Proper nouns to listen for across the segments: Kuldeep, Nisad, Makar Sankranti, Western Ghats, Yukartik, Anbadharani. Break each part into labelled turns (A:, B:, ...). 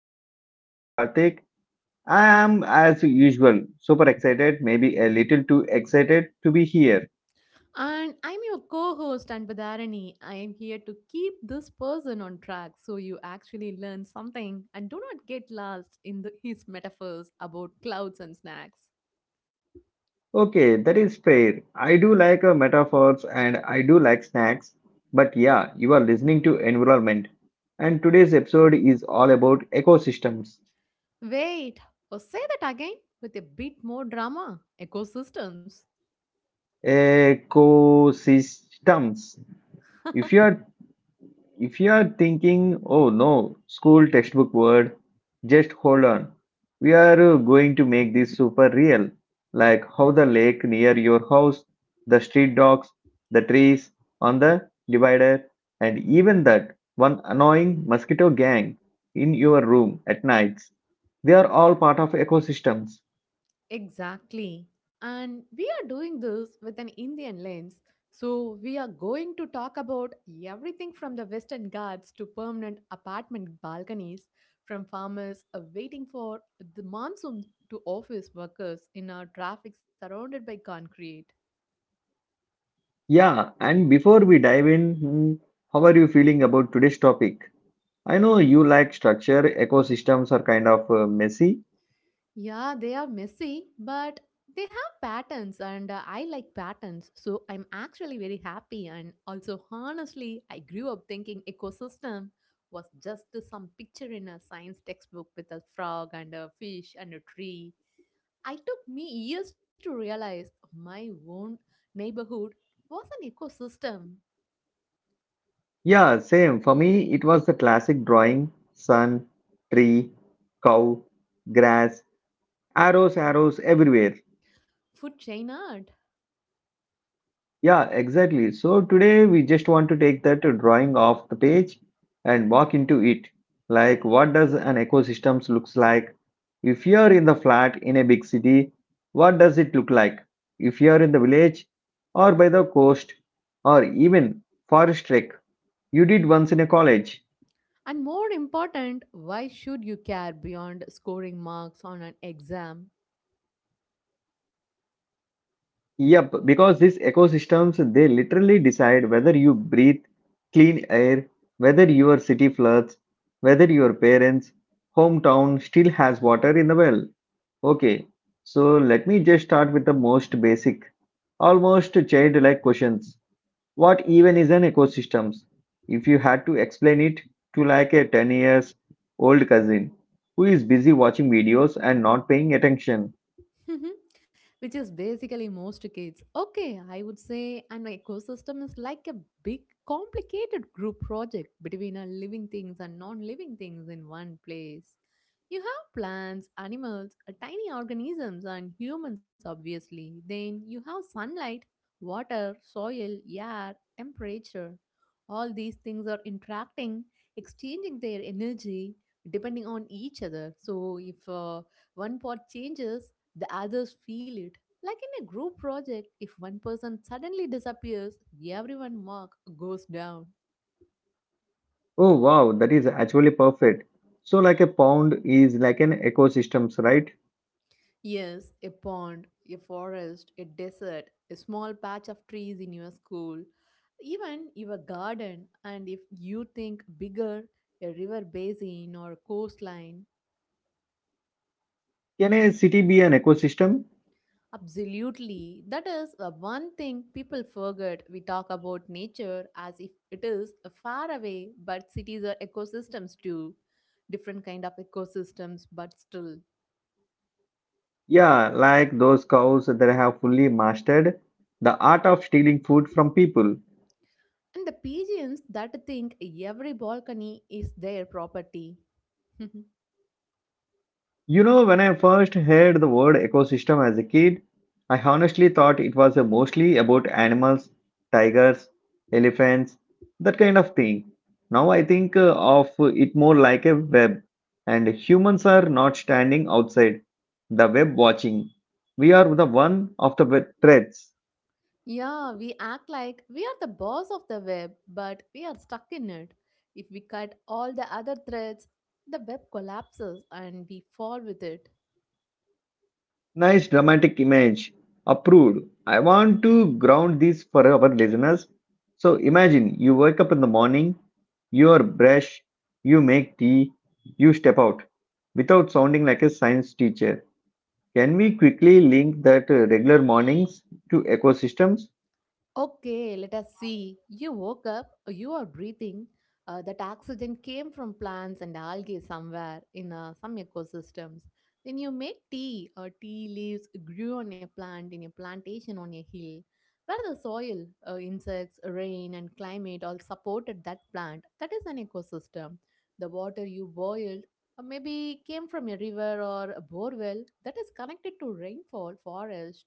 A: I'm your host Yukartik. I am as usual super excited, maybe a little too excited to be here.
B: And I'm your co host, Anbadharani. I am here to keep this person on track so you actually learn something and do not get lost in his metaphors about clouds and snacks.
A: Okay, that is fair. I do like metaphors and I do like snacks, but yeah, you are listening to Environment, and today's episode is all about ecosystems.
B: Wait, or say that again with a bit more drama. Ecosystems.
A: Ecosystems. If you are if you are thinking, oh no, school textbook word, just hold on. We are going to make this super real, like how the lake near your house, the street dogs, the trees on the divider, and even that one annoying mosquito gang in your room at nights. They are all part of ecosystems.
B: Exactly. And we are doing this with an Indian lens. So, we are going to talk about everything from the Western Ghats to permanent apartment balconies, from farmers waiting for the monsoon to office workers in our traffic surrounded by concrete.
A: Yeah, and before we dive in, how are you feeling about today's topic? I know you like structure, ecosystems are kind of messy.
B: Yeah, they are messy, but they have patterns, and I like patterns. So I'm actually very happy. And also, honestly, I grew up thinking ecosystem was just some picture in a science textbook with a frog and a fish and a tree. I took me years to realize my own neighborhood was an ecosystem,
A: Yeah, same. For me, it was the classic drawing sun, tree, cow, grass, arrows, arrows everywhere.
B: food chain art.
A: Yeah, exactly. So today we just want to take that drawing off the page and walk into it. Like, what does an ecosystem looks like? If you're in the flat in a big city, what does it look like? If you're in the village or by the coast or even forest trek, you did once in a college.
B: And more important, why should you care beyond scoring marks on an exam?
A: Yep, because these ecosystems they literally decide whether you breathe clean air, whether your city floods, whether your parents' hometown still has water in the well. Okay, so let me just start with the most basic, almost childlike questions. What even is an ecosystem? If you had to explain it to like a 10 years old cousin who is busy watching videos and not paying attention.
B: Which is basically most kids. Okay, I would say an ecosystem is like a big, complicated group project between a living things and non living things in one place. You have plants, animals, tiny organisms, and humans, obviously. Then you have sunlight, water, soil, air, temperature. All these things are interacting, exchanging their energy depending on each other. So, if one part changes, the others feel it. Like in a group project, if one person suddenly disappears, everyone mark goes down.
A: Oh wow, that is actually perfect. So like a pond is like an ecosystems, right?
B: Yes, a pond, a forest, a desert, a small patch of trees in your school, even your garden, and if you think bigger, a river basin or coastline.
A: Can a city be an ecosystem?
B: Absolutely. That is the one thing people forget. We talk about nature as if it is far away, but cities are ecosystems too. Different kind of ecosystems, but still.
A: Yeah, like those cows that have fully mastered the art of stealing food from people.
B: And the pigeons that think every balcony is their property.
A: You know, when I first heard the word ecosystem as a kid, I honestly thought it was mostly about animals, tigers, elephants, that kind of thing. Now I think of it more like a web, and humans are not standing outside the web watching. We are the one of the threads.
B: Yeah, we act like we are the boss of the web, but we are stuck in it. If we cut all the other threads, the web collapses and we fall with it.
A: Nice dramatic image. Approved. I want to ground this for our listeners. So imagine you wake up in the morning, you brush, you make tea, you step out without sounding like a science teacher. Can we quickly link that regular mornings to ecosystems?
B: Okay, let us see. You woke up, you are breathing. That oxygen came from plants and algae somewhere in some ecosystems. Then you make tea, or tea leaves grew on a plant in a plantation on a hill, where the soil, insects, rain, and climate all supported that plant. That is an ecosystem. The water you boiled maybe came from a river or a borewell that is connected to rainfall, forest,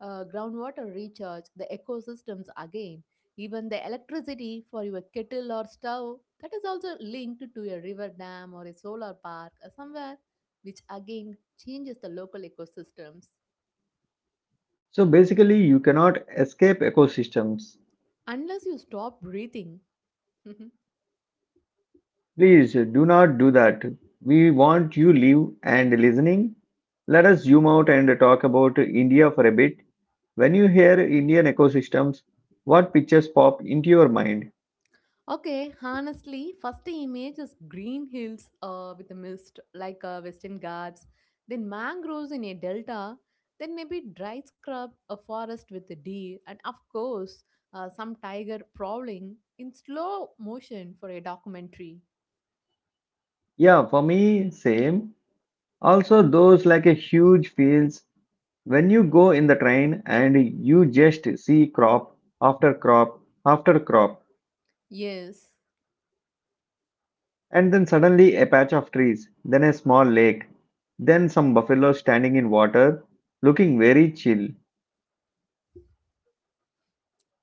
B: groundwater recharge, the ecosystems again, even the electricity for your kettle or stove that is also linked to a river dam or a solar park or somewhere, which again changes the local ecosystems.
A: So basically, you cannot escape ecosystems.
B: Unless you stop breathing.
A: Please do not do that. We want you live and listening. Let us zoom out and talk about India for a bit. When you hear Indian ecosystems, what pictures pop into your mind?
B: Okay, honestly, first image is green hills with a mist like Western Ghats, then mangroves in a delta, then maybe dry scrub, a forest with a deer, and of course, some tiger prowling in slow motion for a documentary.
A: Yeah, for me, same. Also, those like a huge fields. When you go in the train and you just see crop after crop after crop,
B: Yes.
A: and then suddenly a patch of trees, then a small lake, then some buffalo standing in water, looking very chill.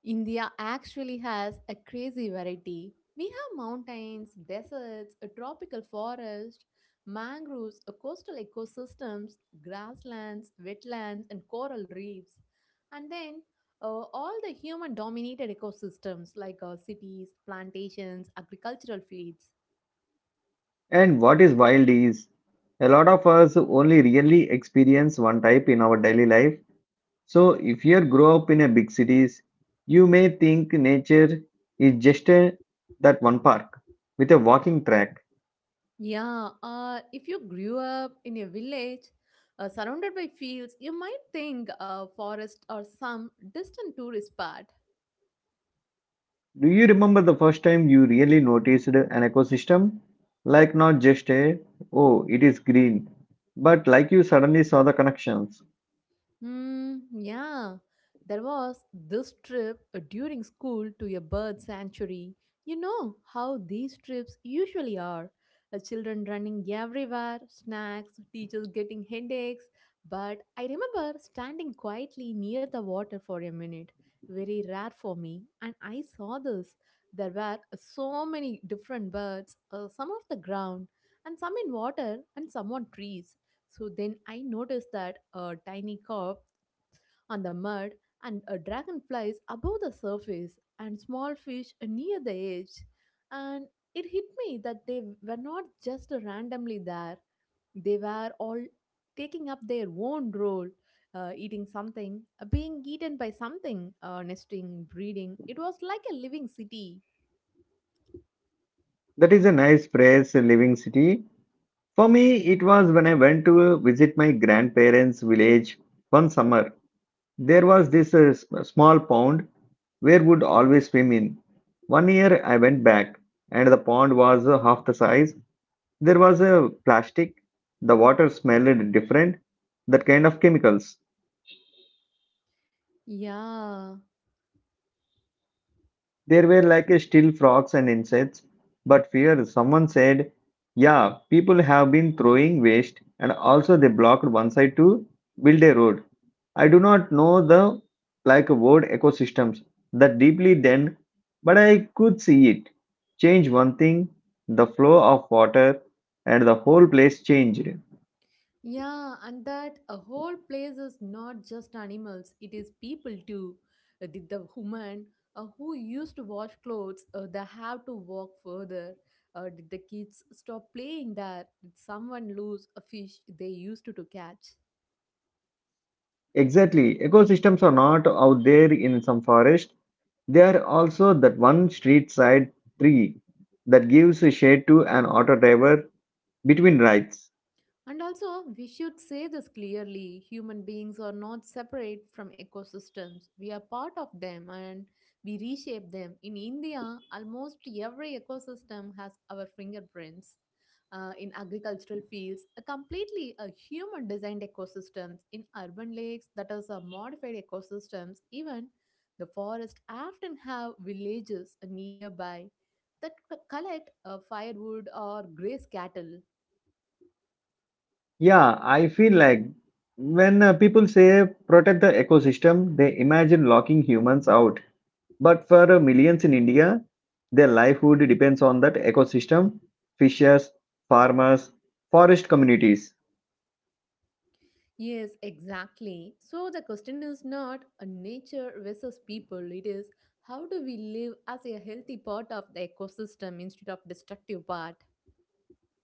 B: India actually has a crazy variety. We have mountains, deserts, a tropical forest, mangroves, a coastal ecosystems, grasslands, wetlands, and coral reefs. And then uh, all the human dominated ecosystems like cities, plantations, agricultural fields.
A: And what is wild is a lot of us only really experience one type in our daily life. So if you grow up in a big cities, you may think nature is just a, that one park with a walking track.
B: Yeah, if you grew up in a village surrounded by fields, you might think a forest or some distant tourist spot.
A: Do you remember the first time you really noticed an ecosystem? Like not just a oh it is green, but like you suddenly saw the connections.
B: Yeah. There was this trip during school to a bird sanctuary. You know how these trips usually are. Children running everywhere, snacks, teachers getting headaches. But I remember standing quietly near the water for a minute. Very rare for me. And I saw this. There were so many different birds, some off the ground, and some in water, and some on trees. So then I noticed that a tiny carp on the mud and a dragonflies above the surface and small fish near the edge. And it hit me that they were not just randomly there. They were all taking up their own role, eating something, being eaten by something, nesting, breeding. It was like a living city.
A: That is a nice phrase, a living city. For me, it was when I went to visit my grandparents' village one summer. There was this small pond where would always swim in. One year I went back and the pond was half the size. There was a plastic. The water smelled different. That kind of chemicals.
B: Yeah.
A: There were like still frogs and insects. But fear, someone said, yeah, people have been throwing waste and also they blocked one side to build a road. I do not know the like word ecosystems that deeply then, but I could see it. Change one thing, the flow of water, and the whole place changed.
B: Yeah, and that a whole place is not just animals, it is people too. The woman who used to wash clothes, they have to walk further. Did the kids stop playing there? Did someone lose a fish they used to catch?
A: Exactly. Ecosystems are not out there in some forest. They are also that one street side tree that gives a shade to an auto driver between rides.
B: And also, we should say this clearly, human beings are not separate from ecosystems. We are part of them and we reshape them. In India, almost every ecosystem has our fingerprints. In agricultural fields, a completely a human designed ecosystems. In urban lakes, that is a modified ecosystems. Even the forest often have villages nearby that collect firewood or graze cattle.
A: Yeah, I feel like when people say protect the ecosystem, they imagine locking humans out. But for millions in India, their livelihood depends on that ecosystem, fishers, farmers, forest communities.
B: Yes, exactly. So the question is not a nature versus people, it is how do we live as a healthy part of the ecosystem instead of destructive part?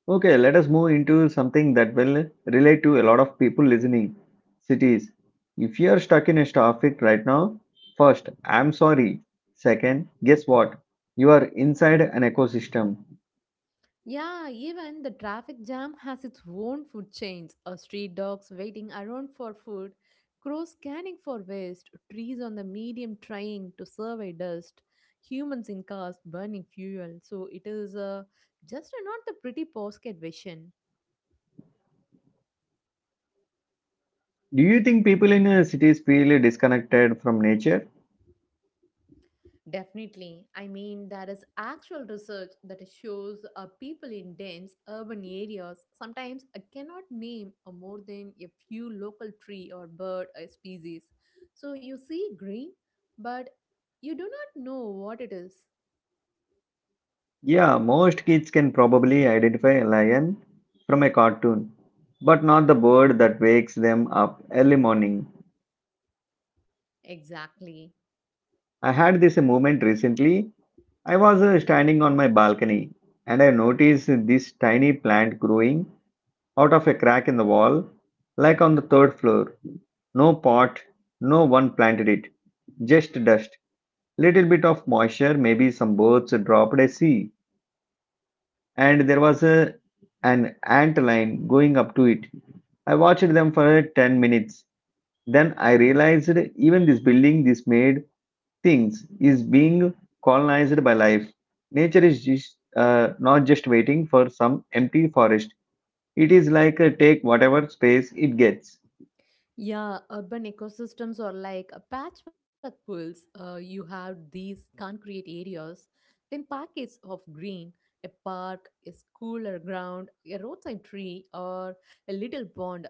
A: Okay, let us move into something that will relate to a lot of people listening. Cities. If you are stuck in a traffic right now, first, I'm sorry. Second, guess what? You are inside an ecosystem.
B: Yeah, even the traffic jam has its own food chains. Street dogs waiting around for food, crows scanning for waste, trees on the medium trying to survey dust, humans in cars burning fuel. So it is just not the pretty postcard vision.
A: Do you think people in cities feel disconnected from nature?
B: Definitely. I mean, there is actual research that shows people in dense urban areas sometimes cannot name more than a few local tree or bird species. So you see green, but you do not know what it is.
A: Yeah, most kids can probably identify a lion from a cartoon, but not the bird that wakes them up early morning.
B: Exactly.
A: I had this moment recently. I was standing on my balcony and I noticed this tiny plant growing out of a crack in the wall, like on the third floor. No pot, no one planted it, just dust. Little bit of moisture, maybe some birds dropped a seed. And there was an ant line going up to it. I watched them for 10 minutes. Then I realized even this building, this made things, is being colonized by life. Nature is just, not just waiting for some empty forest, it is like a take whatever space it gets.
B: Yeah, urban ecosystems are like a patchwork pools. You have these concrete areas, then packets of green, a park, a school or ground, a roadside tree, or a little pond,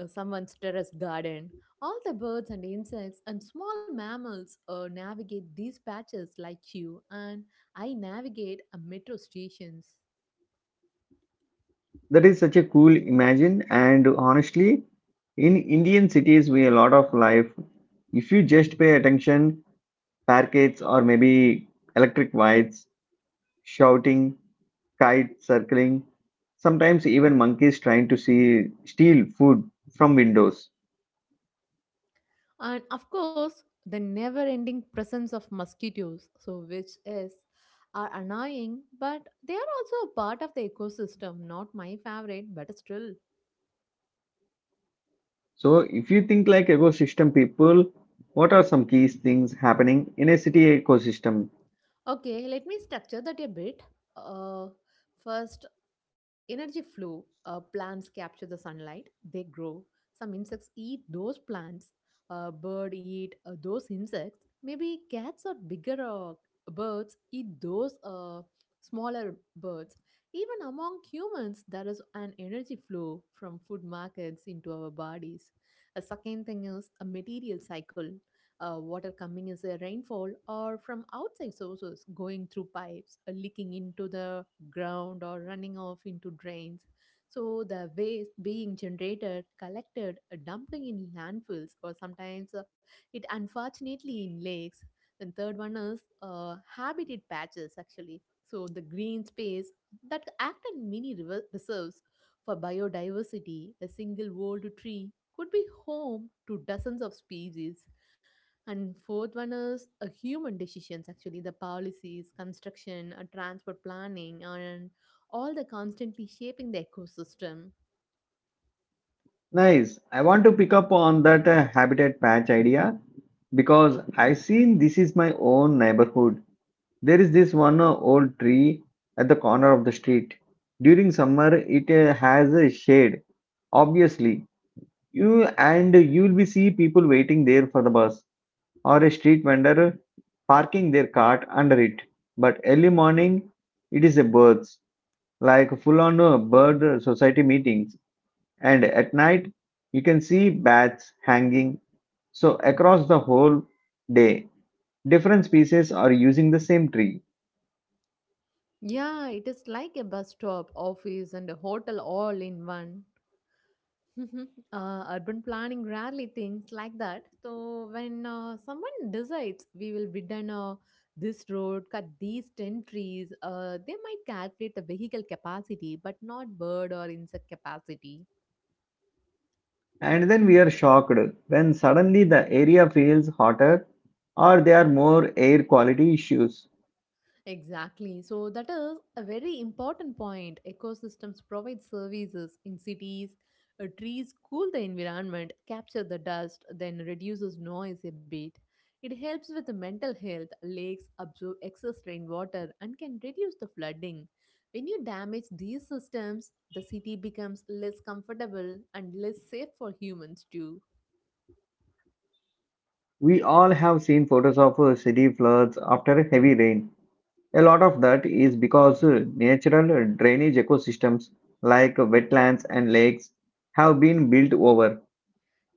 B: someone's terrace garden. All the birds and insects and small mammals navigate these patches like you and I navigate a metro stations.
A: That is such a cool imagine, and honestly, in Indian cities, we a lot of life. If you just pay attention, parkets or maybe electric wires shouting, kites circling, sometimes even monkeys trying to steal food from windows.
B: And of course the never ending presence of mosquitoes, so which is are annoying but they are also a part of the ecosystem, not my favorite but still.
A: So, if you think like ecosystem people, what are some key things happening in a city ecosystem?
B: Okay, let me structure that a bit. Uh, First, energy flow. Plants capture the sunlight, they grow. Some insects eat those plants. A bird eat those insects. Maybe cats or bigger birds eat those smaller birds. Even among humans, there is an energy flow from food markets into our bodies. A second thing is a material cycle. Water coming is a rainfall or from outside sources going through pipes, leaking into the ground, or running off into drains. So the waste being generated, collected, dumping in landfills, or sometimes it unfortunately in lakes. Then third one is habitat patches actually. So the green space that act as mini reserves for biodiversity. A single old tree could be home to dozens of species. And fourth one is a human decisions actually, the policies, construction, transport planning, and all the constantly shaping the ecosystem.
A: Nice. I want to pick up on that habitat patch idea because I seen this is my own neighborhood. There is this one old tree at the corner of the street. During summer, it has a shade, obviously you and you'll be see people waiting there for the bus or a street vendor parking their cart under it, but early morning it is a birds like full on bird society meetings, and at night you can see bats hanging, so across the whole day different species are using the same tree.
B: Yeah, it is like a bus stop, office, and a hotel all in one. Mhm. Urban planning rarely thinks like that. So when someone decides we will widen this road, cut these ten trees, they might calculate the vehicle capacity, but not bird or insect capacity.
A: And then we are shocked when suddenly the area feels hotter or there are more air quality issues.
B: Exactly. So that is a very important point. Ecosystems provide services in cities. Trees cool the environment, capture the dust, then reduces noise a bit. It helps with the mental health. Lakes absorb excess rainwater and can reduce the flooding. When you damage these systems, the city becomes less comfortable and less safe for humans too.
A: We all have seen photos of city floods after heavy rain. A lot of that is because natural drainage ecosystems like wetlands and lakes have been built over.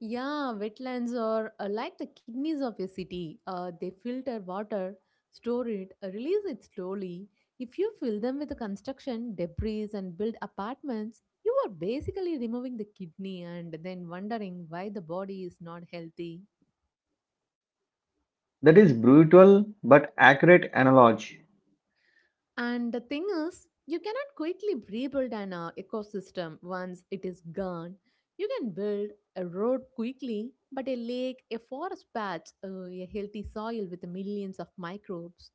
B: Yeah, wetlands are like the kidneys of a city. They filter water, store it, release it slowly. If you fill them with construction, debris, and build apartments, you are basically removing the kidney and then wondering why the body is not healthy.
A: That is brutal but accurate analogy.
B: And the thing is, you cannot quickly rebuild an ecosystem once it is gone. You can build a road quickly, but a lake, a forest patch, a healthy soil with millions of microbes,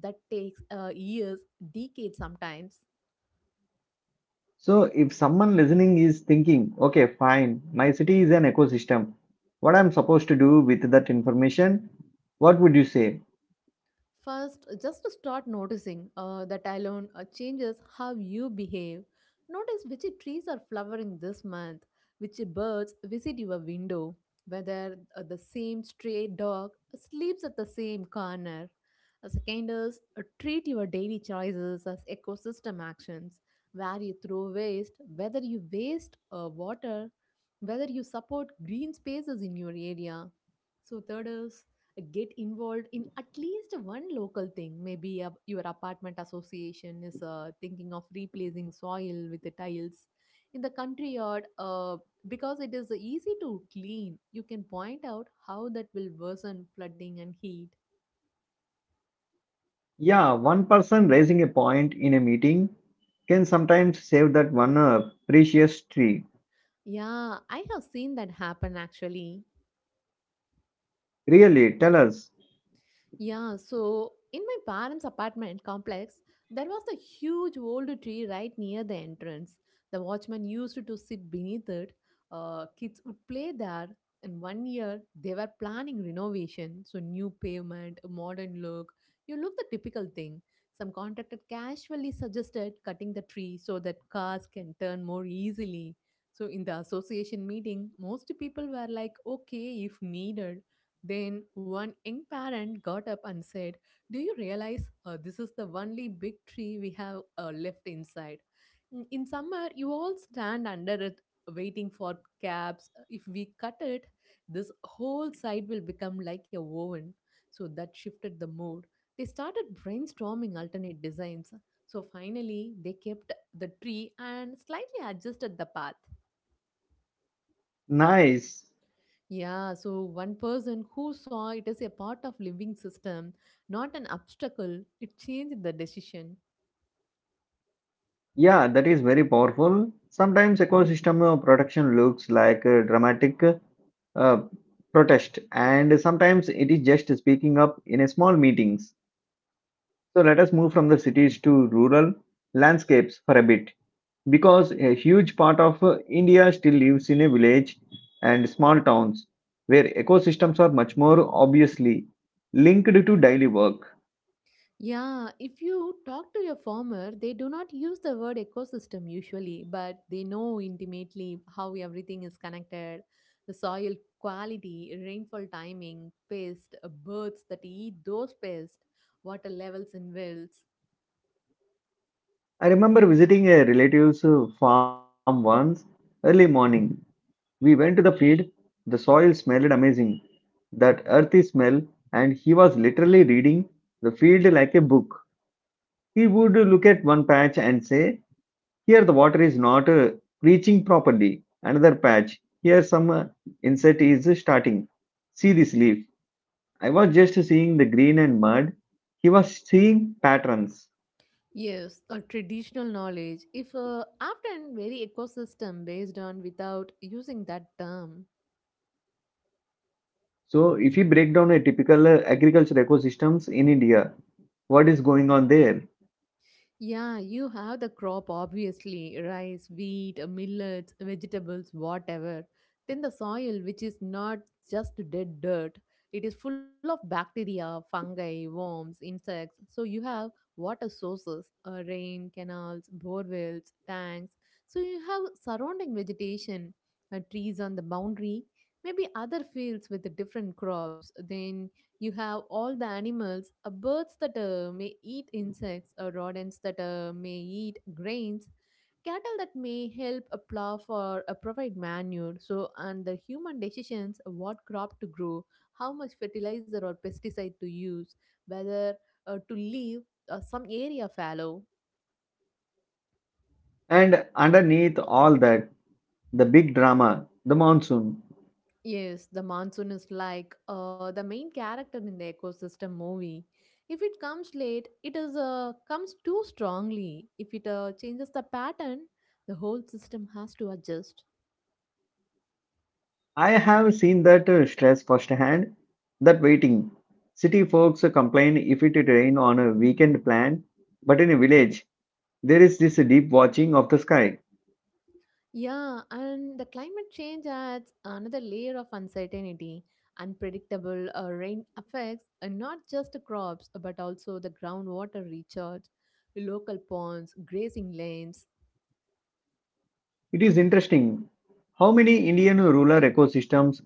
B: that takes years, decades sometimes.
A: So, if someone listening is thinking, okay, fine, my city is an ecosystem, what I'm supposed to do with that information, what would you say?
B: First, just start noticing that alone changes how you behave. Notice which trees are flowering this month, which birds visit your window, whether the same stray dog sleeps at the same corner. Second is treat your daily choices as ecosystem actions, where you throw waste, whether you waste water, whether you support green spaces in your area. So, third is get involved in at least one local thing. Maybe your apartment association is thinking of replacing soil with the tiles in the country yard because it is easy to clean. You can point out how that will worsen flooding and heat.
A: Yeah, one person raising a point in a meeting can sometimes save that one precious tree.
B: Yeah, I have seen that happen actually.
A: Really, tell us.
B: Yeah, so in my parents' apartment complex, there was a huge old tree right near the entrance. The watchman used to sit beneath it. Kids would play there. And one year, they were planning renovation, so new pavement, a modern look. You look the typical thing. Some contractor casually suggested cutting the tree so that cars can turn more easily. So in the association meeting, most people were like, "Okay, if needed." Then one young parent got up and said, do you realize this is the only big tree we have left inside? In summer, you all stand under it waiting for cabs. If we cut it, this whole side will become like a oven. So that shifted the mood. They started brainstorming alternate designs. So finally, they kept the tree and slightly adjusted the path.
A: Nice.
B: Yeah, so one person who saw it as a part of living system, not an obstacle, it changed the decision.
A: Yeah, that is very powerful. Sometimes ecosystem protection looks like a dramatic uh, protest, and sometimes it is just speaking up in a small meetings. So let us move from the cities to rural landscapes for a bit, because a huge part of India still lives in a village and small towns where ecosystems are much more obviously linked to daily work.
B: Yeah, if you talk to your farmer, they do not use the word ecosystem usually, but they know intimately how everything is connected. The soil quality, rainfall timing, pests, birds that eat those pests, water levels in wells.
A: I remember visiting a relative's farm once early morning. We went to the field, the soil smelled amazing, that earthy smell, and he was literally reading the field like a book. He would look at one patch and say, here the water is not reaching properly. Another patch. Here some insect is starting. See this leaf. I was just seeing the green and mud. He was seeing patterns.
B: Yes, a traditional knowledge, if often very ecosystem based on without using that term.
A: So if you break down a typical agriculture ecosystems in India, what is going on there?
B: Yeah, you have the crop obviously rice, wheat, millets, vegetables, whatever. Then the soil, which is not just dead dirt, it is full of bacteria, fungi, worms, insects. So you have water sources, rain, canals, bore wells, tanks. So you have surrounding vegetation, trees on the boundary, maybe other fields with different crops. Then you have all the animals birds that may eat insects rodents that may eat grains cattle that may help a plow for provide manure so and the human decisions what crop to grow how much fertilizer or pesticide to use whether to leave some area fallow.
A: And underneath all that, the big drama, the monsoon.
B: Yes, the monsoon is like the main character in the ecosystem movie. If it comes late, it is comes too strongly. If it changes the pattern, the whole system has to adjust.
A: I have seen that stress firsthand. That waiting. City folks complain if it rain on a weekend plan, but in a village, there is this deep watching of the sky.
B: Yeah, and the climate change adds another layer of uncertainty. Unpredictable rain affects not just the crops but also the groundwater recharge, local ponds, grazing lanes.
A: It is interesting how many Indian rural ecosystems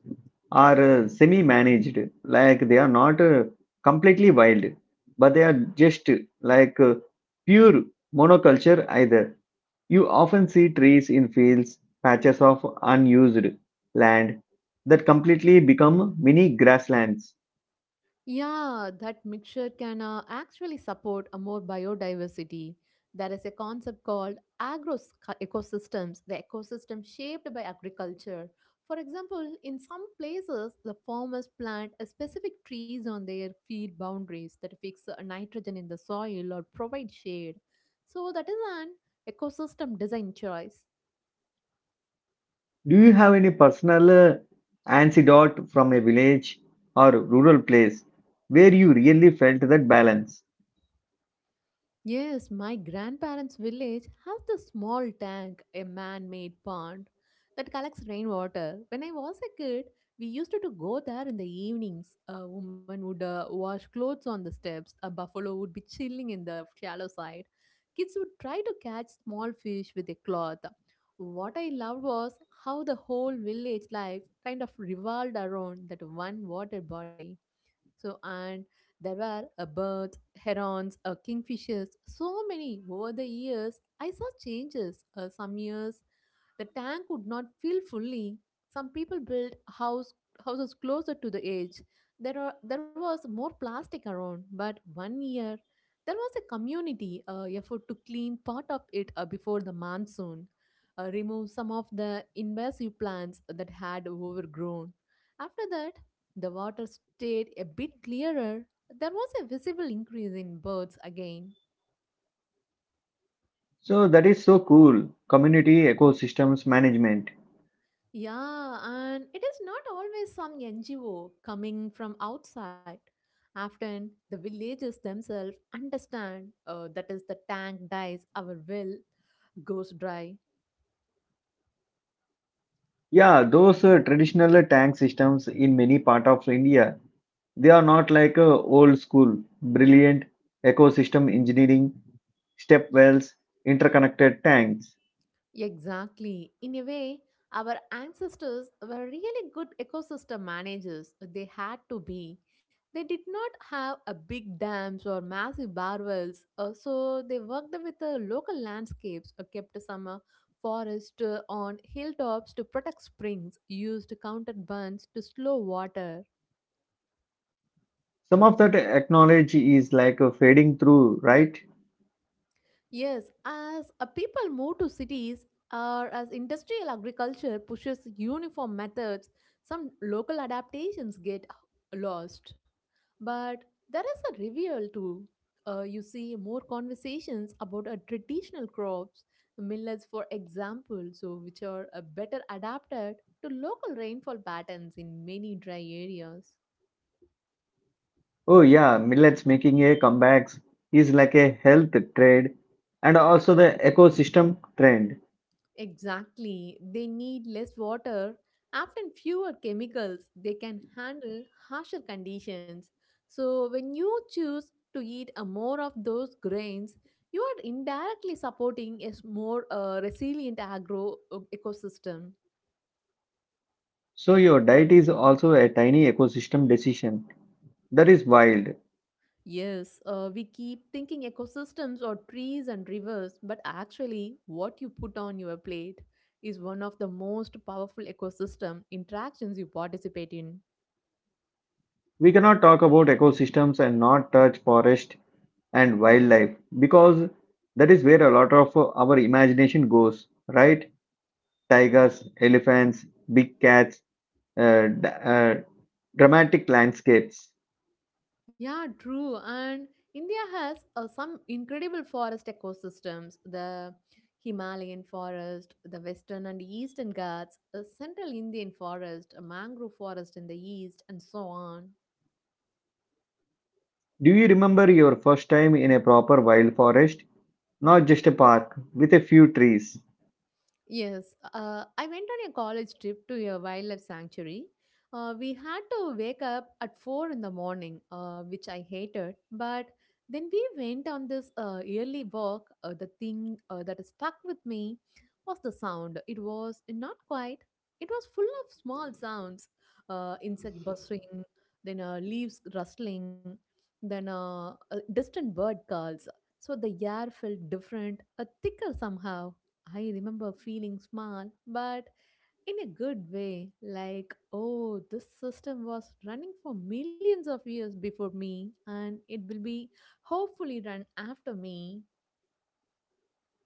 A: are semi managed, like they are not completely wild, but they are just like pure monoculture either. You often see trees in fields, patches of unused land that completely become mini grasslands.
B: Yeah, that mixture can actually support a more biodiversity. There is a concept called agro ecosystems, the ecosystem shaped by agriculture. For example, in some places, the farmers plant a specific trees on their field boundaries that fix nitrogen in the soil or provide shade. So that is an ecosystem design choice.
A: Do you have any personal anecdote from a village or rural place where you really felt that balance?
B: Yes, my grandparents' village has this small tank, a man made pond that collects rainwater. When I was a kid, we used to go there in the evenings. A woman would wash clothes on the steps, a buffalo would be chilling in the shallow side. Kids would try to catch small fish with a cloth. What I loved was how the whole village life kind of revolved around that one water body. So, and there were a birds, herons, a kingfishers, so many. Over the years, I saw changes. Some years, the tank would not fill fully. Some people built houses closer to the edge. There was more plastic around, but one year, there was a community effort to clean part of it before the monsoon, remove some of the invasive plants that had overgrown. After that, the water stayed a bit clearer, there was a visible increase in birds again.
A: So that is so cool. Community ecosystems management.
B: Yeah, and it is not always some NGO coming from outside. Often, the villagers themselves understand that is the tank dies, our well goes dry.
A: Yeah, those traditional tank systems in many part of India, they are not like old school, brilliant ecosystem engineering, step wells, interconnected tanks.
B: Exactly. In a way, our ancestors were really good ecosystem managers. They had to be. They did not have a big dams or massive barrels, so they worked with the local landscapes, kept some forest on hilltops to protect springs, used counter burns to slow water.
A: Some of that technology is like fading through, right?
B: Yes, as people move to cities or as industrial agriculture pushes uniform methods, some local adaptations get lost. But there is a reveal too. You see more conversations about traditional crops, millets, for example, so which are better adapted to local rainfall patterns in many dry areas.
A: Oh yeah, millets making a comebacks is like a health trade and also the ecosystem trend.
B: Exactly. They need less water, often fewer chemicals. They can handle harsher conditions. So, when you choose to eat a more of those grains, you are indirectly supporting more resilient agro ecosystem.
A: So your diet is also a tiny ecosystem decision. That is wild.
B: Yes, we keep thinking ecosystems or trees and rivers, but actually, what you put on your plate is one of the most powerful ecosystem interactions you participate in.
A: We cannot talk about ecosystems and not touch forest and wildlife because that is where a lot of our imagination goes, right? Tigers, elephants, big cats, uh, d- uh, dramatic landscapes.
B: Yeah, true. And India has some incredible forest ecosystems the Himalayan forest, the western and eastern Ghats, the central Indian forest, a mangrove forest in the east, and so on.
A: Do you remember your first time in a proper wild forest? Not just a park with a few trees.
B: Yes, I went on a college trip to a wildlife sanctuary. We had to wake up at 4 in the morning, which I hated. But then we went on this early walk. The thing that stuck with me was the sound. It was not quite, it was full of small sounds insect buzzing, then leaves rustling, then distant bird calls. So the air felt different, thicker somehow. I remember feeling small, but in a good way, like, oh, this system was running for millions of years before me, and it will be hopefully run after me.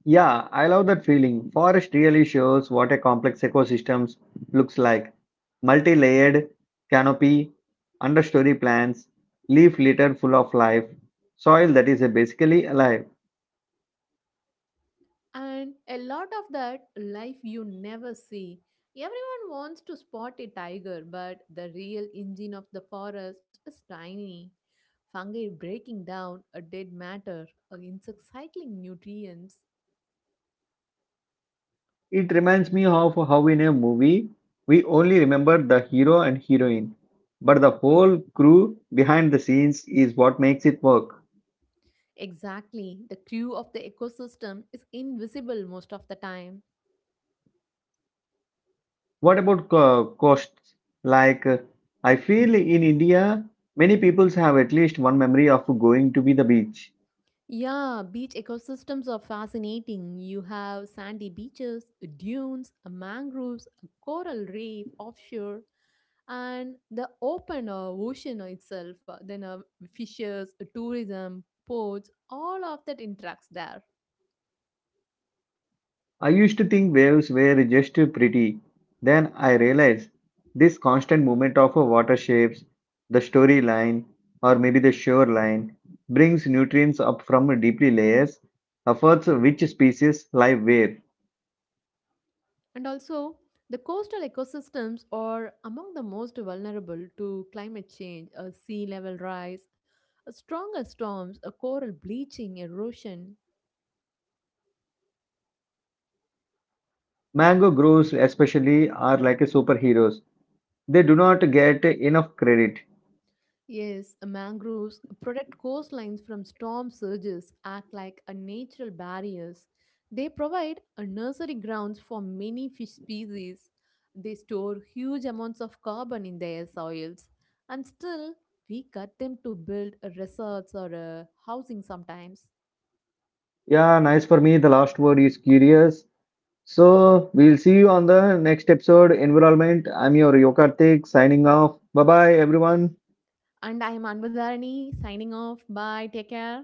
A: Yeah, I love that feeling. Forest really shows what a complex ecosystem looks like. Multi-layered canopy, understory plants, leaf litter full of life, soil that is basically alive.
B: And a lot of that life you never see. Everyone wants to spot a tiger, but the real engine of the forest is tiny. Fungi breaking down a dead matter, or insect cycling nutrients.
A: It reminds me of how in a movie we only remember the hero and heroine, but the whole crew behind the scenes is what makes it work.
B: Exactly. The crew of the ecosystem is invisible most of the time.
A: What about costs? Like, I feel in India, many peoples have at least one memory of going to be the beach.
B: Yeah, beach ecosystems are fascinating. You have sandy beaches, dunes, mangroves, coral reef offshore, and the open ocean itself. Then fishes, tourism, ports, all of that interacts there.
A: I used to think waves were just pretty. Then I realized this constant movement of water shapes, the storyline, or maybe the shoreline, brings nutrients up from deeply layers, affords which species live where.
B: And also, the coastal ecosystems are among the most vulnerable to climate change, sea level rise, stronger storms, a coral bleaching, erosion.
A: Mango groves, especially, are like superheroes. They do not get enough credit.
B: Yes, mangroves protect coastlines from storm surges, act like a natural barriers. They provide a nursery grounds for many fish species. They store huge amounts of carbon in their soils, and still we cut them to build resorts or housing sometimes.
A: Yeah, nice for me. The last word is curious. So we'll see you on the next episode, Environment. I'm your Yokartik signing off. Bye bye, everyone.
B: And I am Anbudharani signing off. Bye. Take care.